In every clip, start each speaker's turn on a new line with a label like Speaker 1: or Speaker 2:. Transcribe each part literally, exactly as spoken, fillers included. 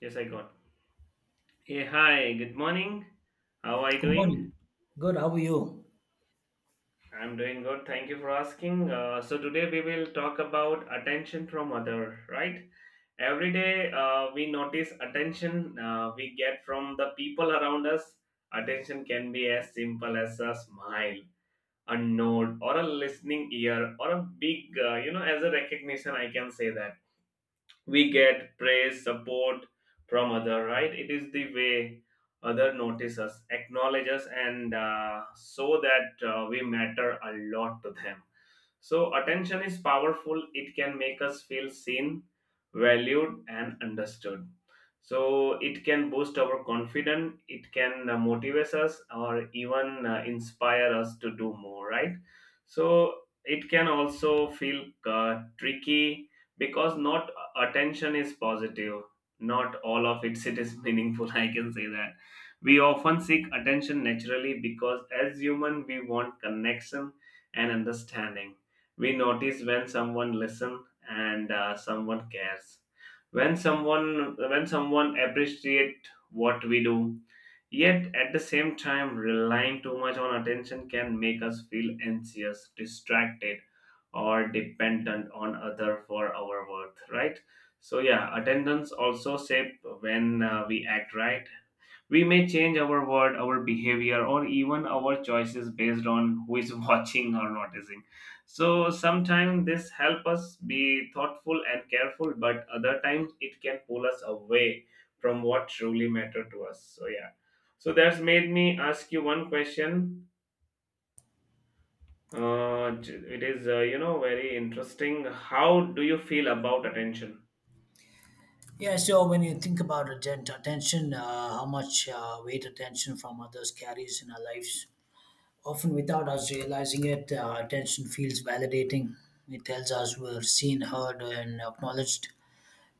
Speaker 1: Yes, I got. Hey, hi, good morning. How are you
Speaker 2: Good
Speaker 1: doing?
Speaker 2: morning. Good. How are you?
Speaker 1: I'm doing good. Thank you for asking. Uh, so today we will talk about attention from other, right? Every day uh, we notice attention uh, we get from the people around us. Attention can be as simple as a smile, a nod, or a listening ear, or a big, uh, you know, as a recognition. I can say that we get praise, support from other, right? It is the way other notice us, acknowledge us, and uh, so that uh, we matter a lot to them. So attention is powerful. It can make us feel seen, valued, and understood. So it can boost our confidence. It can uh, motivate us, or even uh, inspire us to do more. Right. So it can also feel uh, tricky because not uh, attention is positive, not all of it, it is meaningful. I can say that we often seek attention naturally because as human we want connection and understanding. We notice when someone listens and uh, someone cares, when someone when someone appreciate what we do. Yet, at the same time, relying too much on attention can make us feel anxious, distracted, or dependent on other for our worth, right? So, yeah, attendance also shape when uh, we act, right? We may change our word, our behavior, or even our choices based on who is watching or noticing. So sometimes this help us be thoughtful and careful, but other times it can pull us away from what truly matter to us. So yeah. So that's made me ask you one question. Uh, it is uh, you know very interesting. How do you feel about attention?
Speaker 2: Yeah. So when you think about atten- attention, uh, how much uh, weight attention from others carries in our lives, often without us realizing it, uh, attention feels validating. It tells us we're seen, heard, and acknowledged.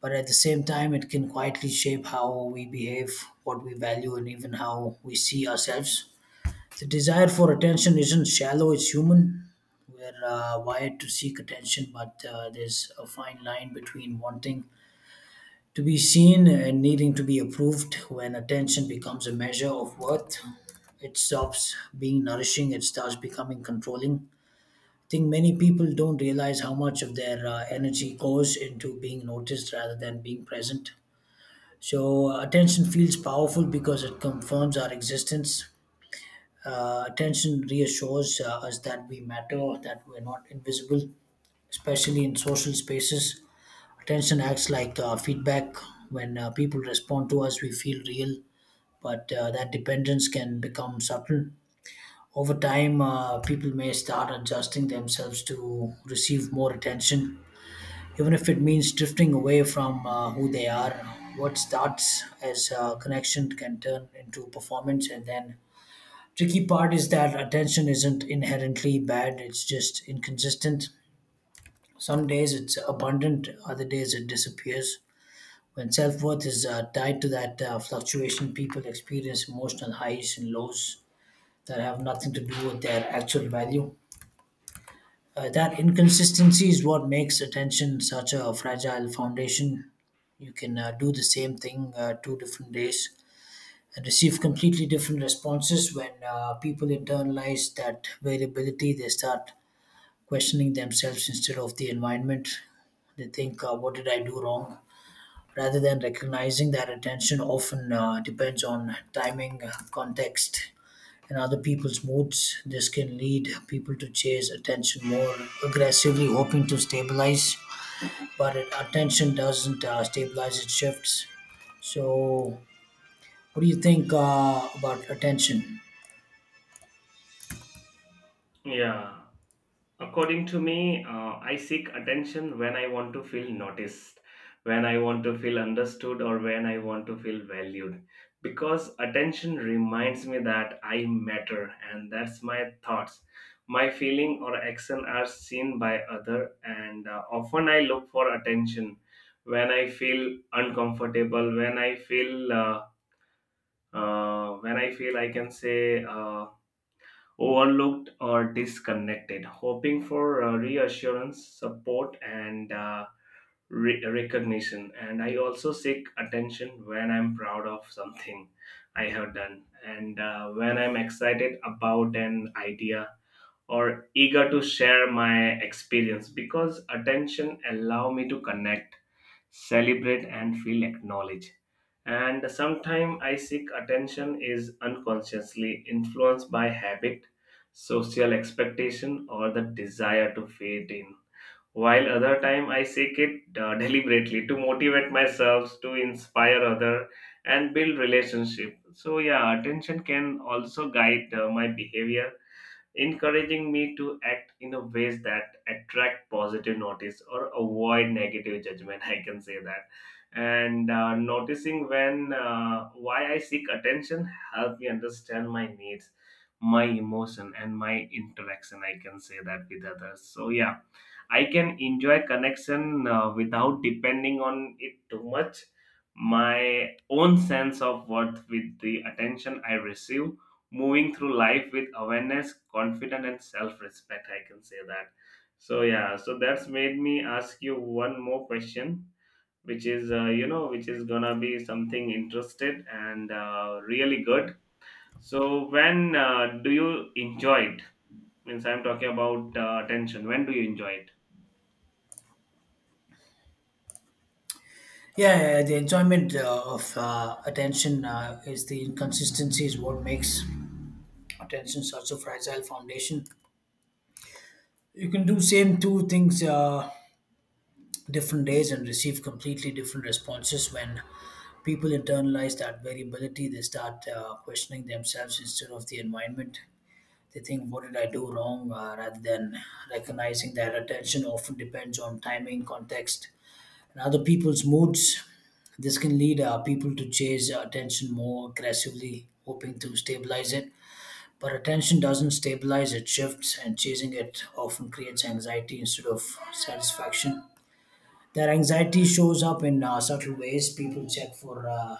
Speaker 2: But at the same time, it can quietly shape how we behave, what we value, and even how we see ourselves. The desire for attention isn't shallow, it's human. We're uh, wired to seek attention, but uh, there's a fine line between wanting to be seen and needing to be approved. When attention becomes a measure of worth, it stops being nourishing, it starts becoming controlling. I think many people don't realize how much of their uh, energy goes into being noticed rather than being present. So, uh, attention feels powerful because it confirms our existence. Uh, attention reassures uh, us that we matter, that we're not invisible, especially in social spaces. Attention acts like uh, feedback. When uh, people respond to us, we feel real, but uh, that dependence can become subtle. Over time, uh, people may start adjusting themselves to receive more attention, even if it means drifting away from uh, who they are. What starts as uh, connection can turn into performance. And then tricky part is that attention isn't inherently bad, it's just inconsistent. Some days it's abundant, other days it disappears. When self-worth is uh, tied to that uh, fluctuation, people experience emotional highs and lows that have nothing to do with their actual value. Uh, that inconsistency is what makes attention such a fragile foundation. You can uh, do the same thing uh, two different days and receive completely different responses. When uh, people internalize that variability, they start questioning themselves instead of the environment. They think, uh, "What did I do wrong?" rather than recognizing that attention often uh, depends on timing, uh, context, and other people's moods. This can lead people to chase attention more aggressively, hoping to stabilize. But it, attention doesn't uh, stabilize, it shifts. So what do you think uh, about attention?
Speaker 1: Yeah. According to me, uh, I seek attention when I want to feel noticed, when I want to feel understood, or when I want to feel valued. Because attention reminds me that I matter, and that's my thoughts. My feeling or action are seen by other, and uh, often I look for attention when I feel uncomfortable, when I feel, uh, uh, when I feel, I can say, Uh, overlooked or disconnected, hoping for uh, reassurance, support, and uh, re- recognition. And I also seek attention when I'm proud of something I have done, and uh, when I'm excited about an idea or eager to share my experience, because attention allow me to connect, celebrate, and feel acknowledged. And sometimes I seek attention is unconsciously influenced by habit, social expectation, or the desire to fit in, while other time I seek it uh, deliberately to motivate myself, to inspire other and build relationship. So yeah, attention can also guide uh, my behavior, encouraging me to act in a ways that attract positive notice or avoid negative judgment. I can say that. And uh, noticing when uh, why I seek attention help me understand my needs, my emotion, and my interaction, I can say that, with others. So yeah, I can enjoy connection uh, without depending on it too much. My own sense of worth with the attention I receive, moving through life with awareness, confidence, and self respect. I can say that. So yeah, so that's made me ask you one more question, which is uh, you know, which is gonna be something interested and uh, really good. So when uh, do you enjoy it? Means I'm talking about uh, attention. When do you enjoy it?
Speaker 2: Yeah, yeah, yeah, the enjoyment uh, of uh, attention uh, is the inconsistency is what makes attention such a fragile foundation. You can do same two things uh, different days and receive completely different responses. When people internalize that variability, they start uh, questioning themselves instead of the environment. They think, "What did I do wrong?" Uh, rather than recognizing that attention often depends on timing, context, and other people's moods. This can lead uh, people to chase attention more aggressively, hoping to stabilize it. But attention doesn't stabilize, it shifts, and chasing it often creates anxiety instead of satisfaction. That anxiety shows up in uh, subtle ways. People check for uh,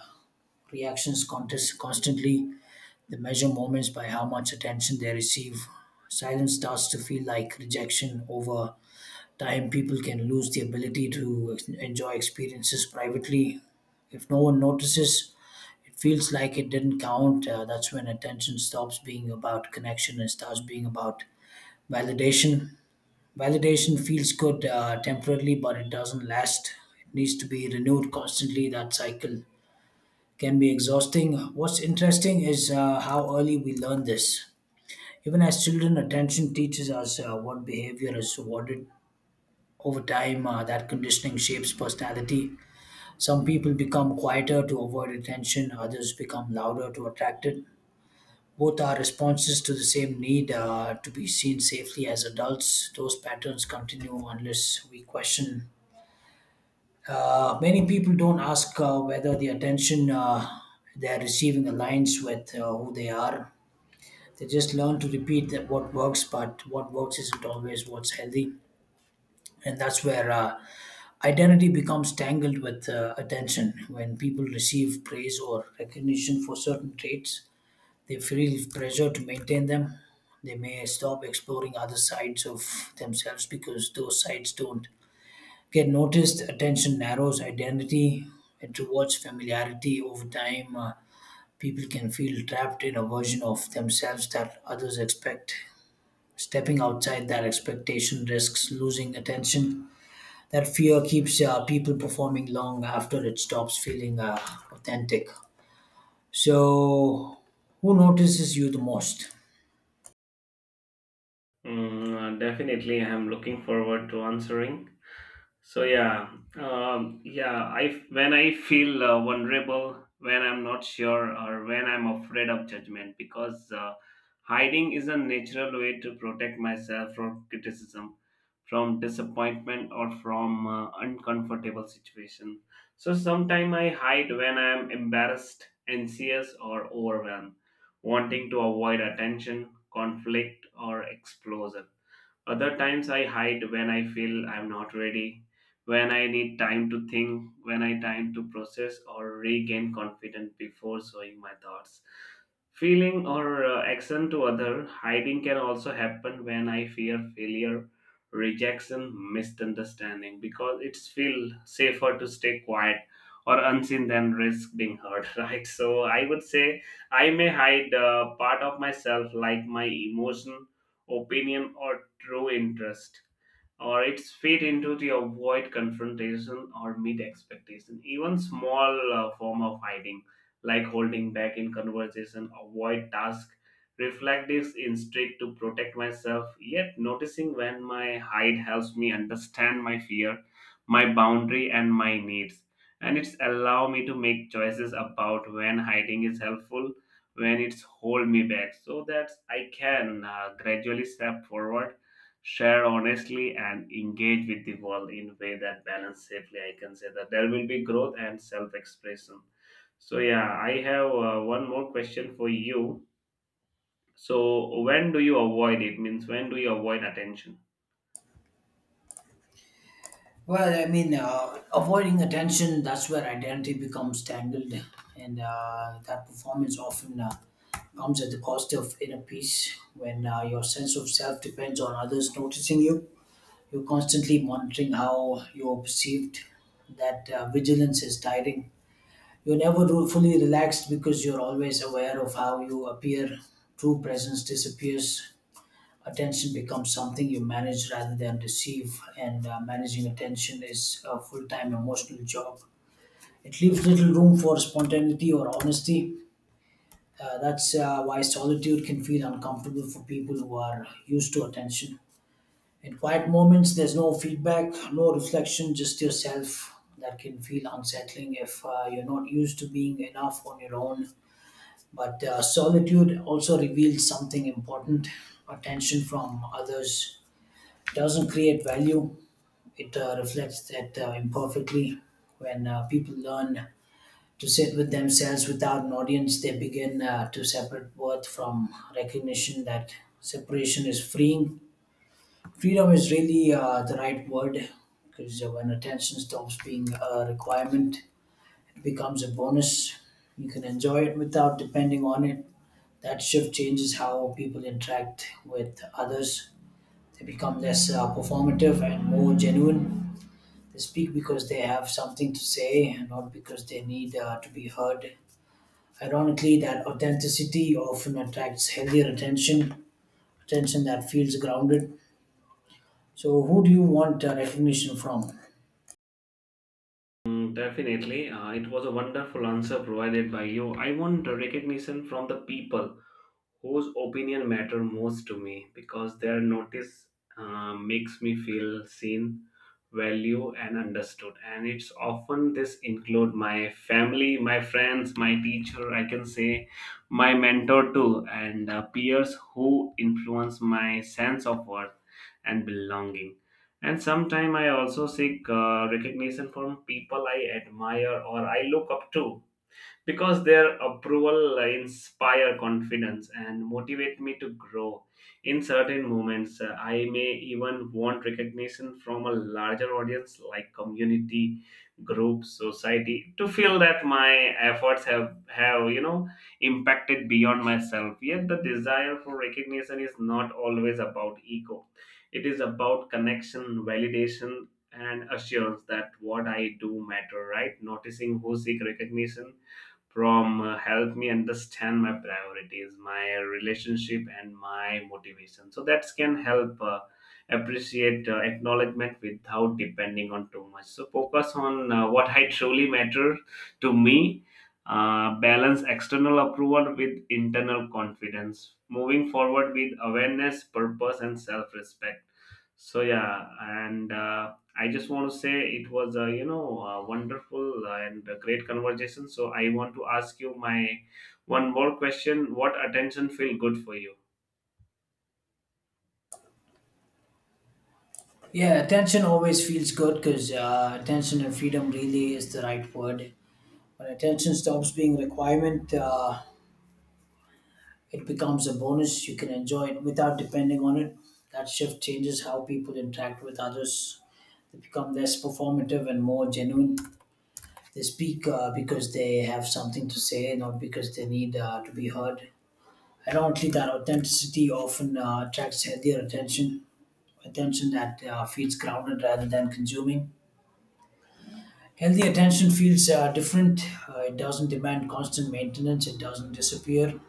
Speaker 2: reactions contest- constantly, they measure moments by how much attention they receive. Silence starts to feel like rejection. Over time, people can lose the ability to ex- enjoy experiences privately. If no one notices, it feels like it didn't count. Uh, that's when attention stops being about connection and starts being about validation. Validation feels good uh, temporarily, but it doesn't last. It needs to be renewed constantly. That cycle can be exhausting. What's interesting is uh, how early we learn this. Even as children, attention teaches us uh, what behavior is rewarded. Over time, uh, that conditioning shapes personality. Some people become quieter to avoid attention, others become louder to attract it. Both are responses to the same need, uh, to be seen safely as adults. Those patterns continue unless we question. Uh, many people don't ask uh, whether the attention uh, they're receiving aligns with uh, who they are. They just learn to repeat that what works, but what works isn't always what's healthy. And that's where uh, identity becomes tangled with uh, attention. When people receive praise or recognition for certain traits, they feel pressure to maintain them. They may stop exploring other sides of themselves because those sides don't get noticed. Attention narrows identity, it rewards familiarity. Over time, uh, people can feel trapped in a version of themselves that others expect. Stepping outside that expectation risks losing attention. That fear keeps uh, people performing long after it stops feeling uh, authentic. So, who notices you the most?
Speaker 1: Mm, uh, definitely, I am looking forward to answering. So yeah, um, yeah. I when I feel uh, vulnerable, when I'm not sure, or when I'm afraid of judgment, because uh, hiding is a natural way to protect myself from criticism, from disappointment, or from uh, uncomfortable situation. So sometimes I hide when I'm embarrassed, anxious, or overwhelmed, wanting to avoid attention, conflict, or explosion. Other times I hide when I feel I'm not ready, when I need time to think, when I time to process or regain confidence before showing my thoughts. Feeling or uh, action to other, hiding can also happen when I fear failure, rejection, misunderstanding, because it's feel safer to stay quiet or unseen than risk being heard, right? So I would say I may hide uh, part of myself like my emotion, opinion, or true interest, or it's fit into to avoid confrontation or meet expectation. Even small uh, form of hiding, like holding back in conversation, avoid task, reflect this instinct to protect myself. Yet noticing when my hide helps me understand my fear, my boundary, and my needs, and it's allow me to make choices about when hiding is helpful, when it's hold me back, so that I can uh, gradually step forward, share honestly, and engage with the world in way that balance safely. I can say that there will be growth and self expression. So yeah, I have uh, one more question for you. So when do you avoid it? Means, when do you avoid attention?
Speaker 2: Well, I mean, uh, avoiding attention, that's where identity becomes tangled, and uh, that performance often uh, comes at the cost of inner peace. When uh, your sense of self depends on others noticing you, you're constantly monitoring how you're perceived. That uh, vigilance is tiring. You're never ru- fully relaxed because you're always aware of how you appear. True presence disappears. Attention becomes something you manage rather than receive, and uh, managing attention is a full time emotional job. It leaves little room for spontaneity or honesty. Uh, that's uh, why solitude can feel uncomfortable for people who are used to attention. In quiet moments, there's no feedback, no reflection, just yourself. That can feel unsettling if uh, you're not used to being enough on your own. But uh, solitude also reveals something important. Attention from others doesn't create value, it uh, reflects that uh, imperfectly. When uh, people learn to sit with themselves without an audience, they begin uh, to separate worth from recognition. That separation is freeing. Freedom is really uh, the right word, because when attention stops being a requirement, it becomes a bonus. You can enjoy it without depending on it. That shift changes how people interact with others. They become less uh, performative and more genuine. They speak because they have something to say and not because they need uh, to be heard. Ironically, that authenticity often attracts healthier attention, attention that feels grounded. So, who do you want uh, recognition from?
Speaker 1: Mm, definitely uh, it was a wonderful answer provided by you. I want recognition from the people whose opinion matter most to me, because their notice uh, makes me feel seen, value, and understood, and it's often this include my family, my friends, my teacher, I can say, my mentor too, and uh, peers who influence my sense of worth and belonging. And sometimes I also seek uh, recognition from people I admire or I look up to, because their approval inspire confidence and motivate me to grow. In certain moments uh, I may even want recognition from a larger audience like community, group, society, to feel that my efforts have have you know impacted beyond myself. Yet the desire for recognition is not always about ego, it is about connection, validation, and assurance that what I do matter, right? Noticing who seek recognition from uh, help me understand my priorities, my relationship, and my motivation, so that can help uh, appreciate uh, acknowledgement without depending on too much. So focus on uh, what I truly matter to me, uh, balance external approval with internal confidence, moving forward with awareness, purpose, and self-respect. So yeah, and uh, I just want to say it was a you know a wonderful and a great conversation. So I want to ask you my one more question. What attention feel good for you?
Speaker 2: Yeah, attention always feels good because uh, attention and freedom really is the right word. When attention stops being a requirement, uh, it becomes a bonus. You can enjoy it without depending on it. That shift changes how people interact with others. They become less performative and more genuine. They speak uh, because they have something to say, not because they need uh, to be heard. Ironically, that authenticity often uh, attracts healthier attention, attention that uh, feels grounded rather than consuming. Healthy attention feels uh, different. Uh, it doesn't demand constant maintenance, it doesn't disappear.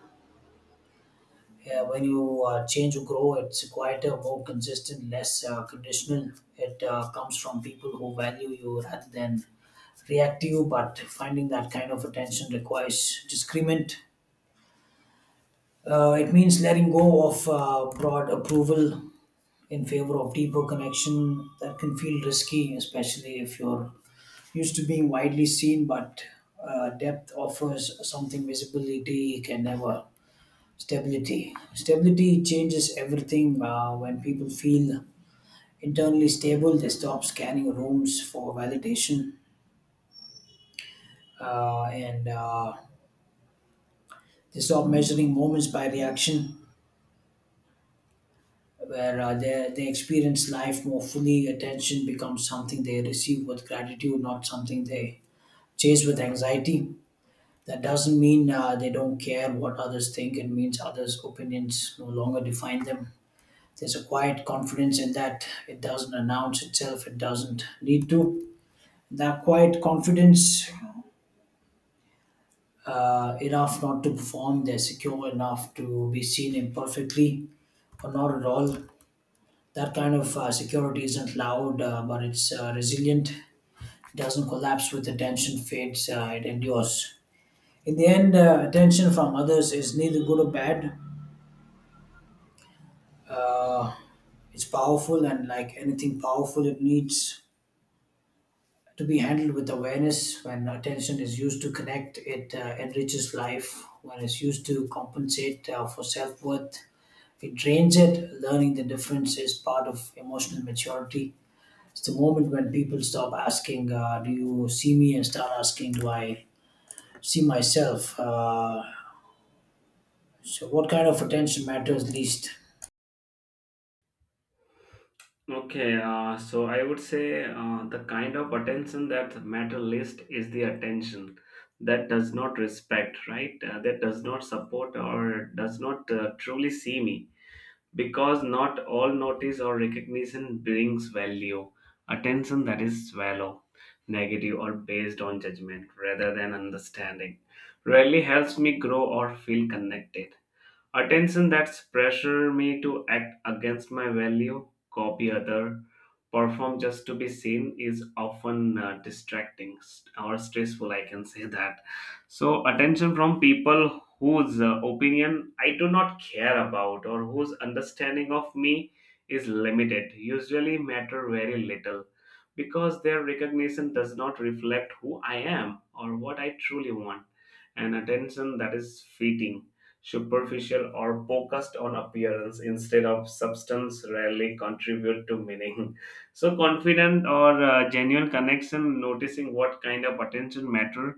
Speaker 2: Yeah, when you uh, change or grow, it's quieter, more consistent, less uh, conditional. It uh, comes from people who value you rather than react to you. But finding that kind of attention requires discernment. Uh, it means letting go of uh, broad approval in favor of deeper connection. That can feel risky, especially if you're used to being widely seen. But uh, depth offers something visibility can never. Stability. Stability changes everything. Uh, when people feel internally stable, they stop scanning rooms for validation, uh, and uh, they stop measuring moments by reaction, where uh, they, they experience life more fully. Attention becomes something they receive with gratitude, not something they chase with anxiety. That doesn't mean uh, they don't care what others think, it means others' opinions no longer define them. There's a quiet confidence in that. It doesn't announce itself, it doesn't need to. That quiet confidence, uh, enough not to perform, they're secure enough to be seen imperfectly or not at all. That kind of uh, security isn't loud, uh, but it's uh, resilient. It doesn't collapse with attention fades, uh, it endures. In the end, uh, attention from others is neither good or bad. Uh, it's powerful, and like anything powerful, it needs to be handled with awareness. When attention is used to connect, it uh, enriches life. When it's used to compensate uh, for self worth, it drains it. Learning the difference is part of emotional maturity. It's the moment when people stop asking, uh, "Do you see me?" and start asking, "Do I see myself?" Uh, so, what kind of attention matters least?
Speaker 1: Okay, uh, so I would say uh, the kind of attention that matter least is the attention that does not respect, right? Uh, that does not support or does not uh, truly see me. Because not all notice or recognition brings value. Attention that is shallow, negative, or based on judgment rather than understanding rarely helps me grow or feel connected. Attention that's pressure me to act against my value, copy other, perform just to be seen is often uh, distracting st- or stressful. I can say that. So attention from people whose uh, opinion I do not care about or whose understanding of me is limited usually matter very little, because their recognition does not reflect who I am or what I truly want. And attention that is fitting, superficial, or focused on appearance instead of substance rarely contribute to meaning. So confident or uh, genuine connection, noticing what kind of attention matter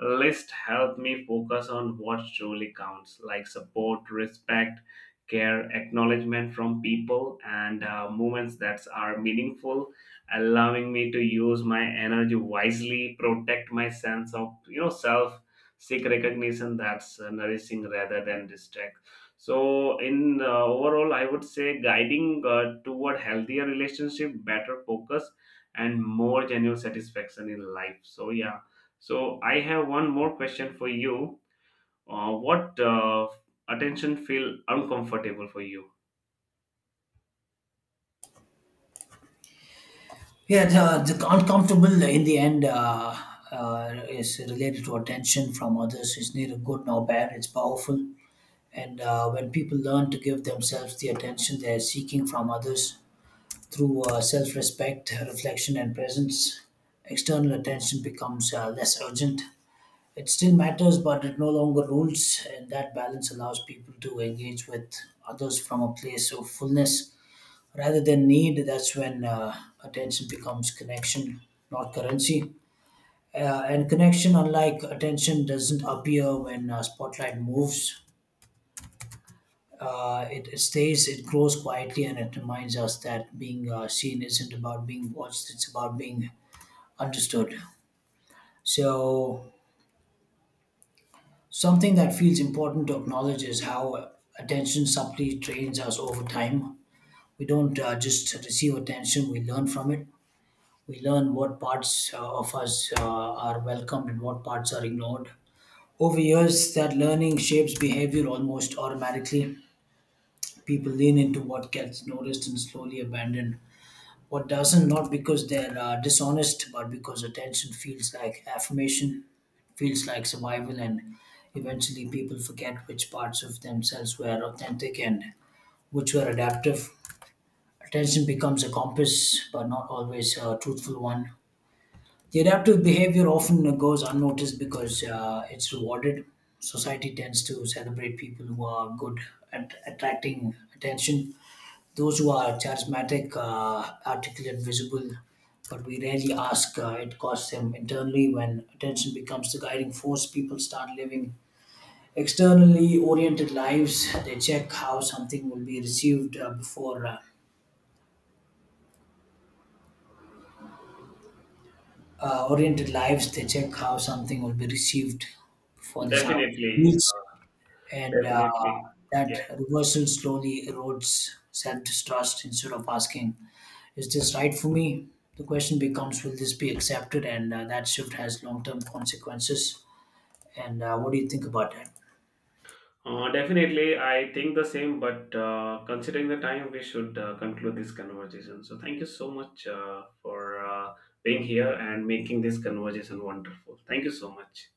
Speaker 1: list help me focus on what truly counts, like support, respect, care, acknowledgement from people and uh, movements that are meaningful, allowing me to use my energy wisely, protect my sense of you know self, seek recognition that's uh, nourishing rather than distract. So in uh, overall I would say, guiding uh, toward healthier relationship, better focus, and more genuine satisfaction in life. So yeah, so I have one more question for you. Uh, what uh, attention feel uncomfortable for you?
Speaker 2: Yeah, the, the uncomfortable in the end uh, uh, is related to attention from others. It's neither good nor bad, it's powerful. And uh, when people learn to give themselves the attention they're seeking from others through uh, self respect, reflection, and presence, external attention becomes uh, less urgent. It still matters, but it no longer rules, and that balance allows people to engage with others from a place of fullness rather than need. That's when uh, attention becomes connection, not currency. Uh, and connection, unlike attention, doesn't appear when uh, spotlight moves. Uh, it, it stays, it grows quietly, and it reminds us that being uh, seen isn't about being watched, it's about being understood. So, something that feels important to acknowledge is how attention subtly trains us over time. We don't uh, just receive attention, we learn from it. We learn what parts uh, of us uh, are welcomed and what parts are ignored. Over years, that learning shapes behavior almost automatically. People lean into what gets noticed and slowly abandon what doesn't, not because they're uh, dishonest, but because attention feels like affirmation, feels like survival, and eventually people forget which parts of themselves were authentic and which were adaptive. Attention becomes a compass, but not always a truthful one. The adaptive behavior often goes unnoticed because uh, it's rewarded. Society tends to celebrate people who are good at attracting attention, those who are charismatic, uh, articulate, visible, but we rarely ask. Uh, it costs them internally. When attention becomes the guiding force, people start living externally oriented lives. They check how something will be received uh, before uh, uh, oriented lives. They check how something will be received before this
Speaker 1: Definitely,
Speaker 2: house. And uh,
Speaker 1: definitely,
Speaker 2: that
Speaker 1: yeah.
Speaker 2: reversal slowly erodes self-trust. Instead of asking, "Is this right for me?" the question becomes, "Will this be accepted?" And uh, that shift has long-term consequences. And uh, what do you think about that?
Speaker 1: Uh, definitely, I think the same. But uh, considering the time, we should uh, conclude this conversation. So thank you so much uh, for uh, being here and making this conversation wonderful. Thank you so much.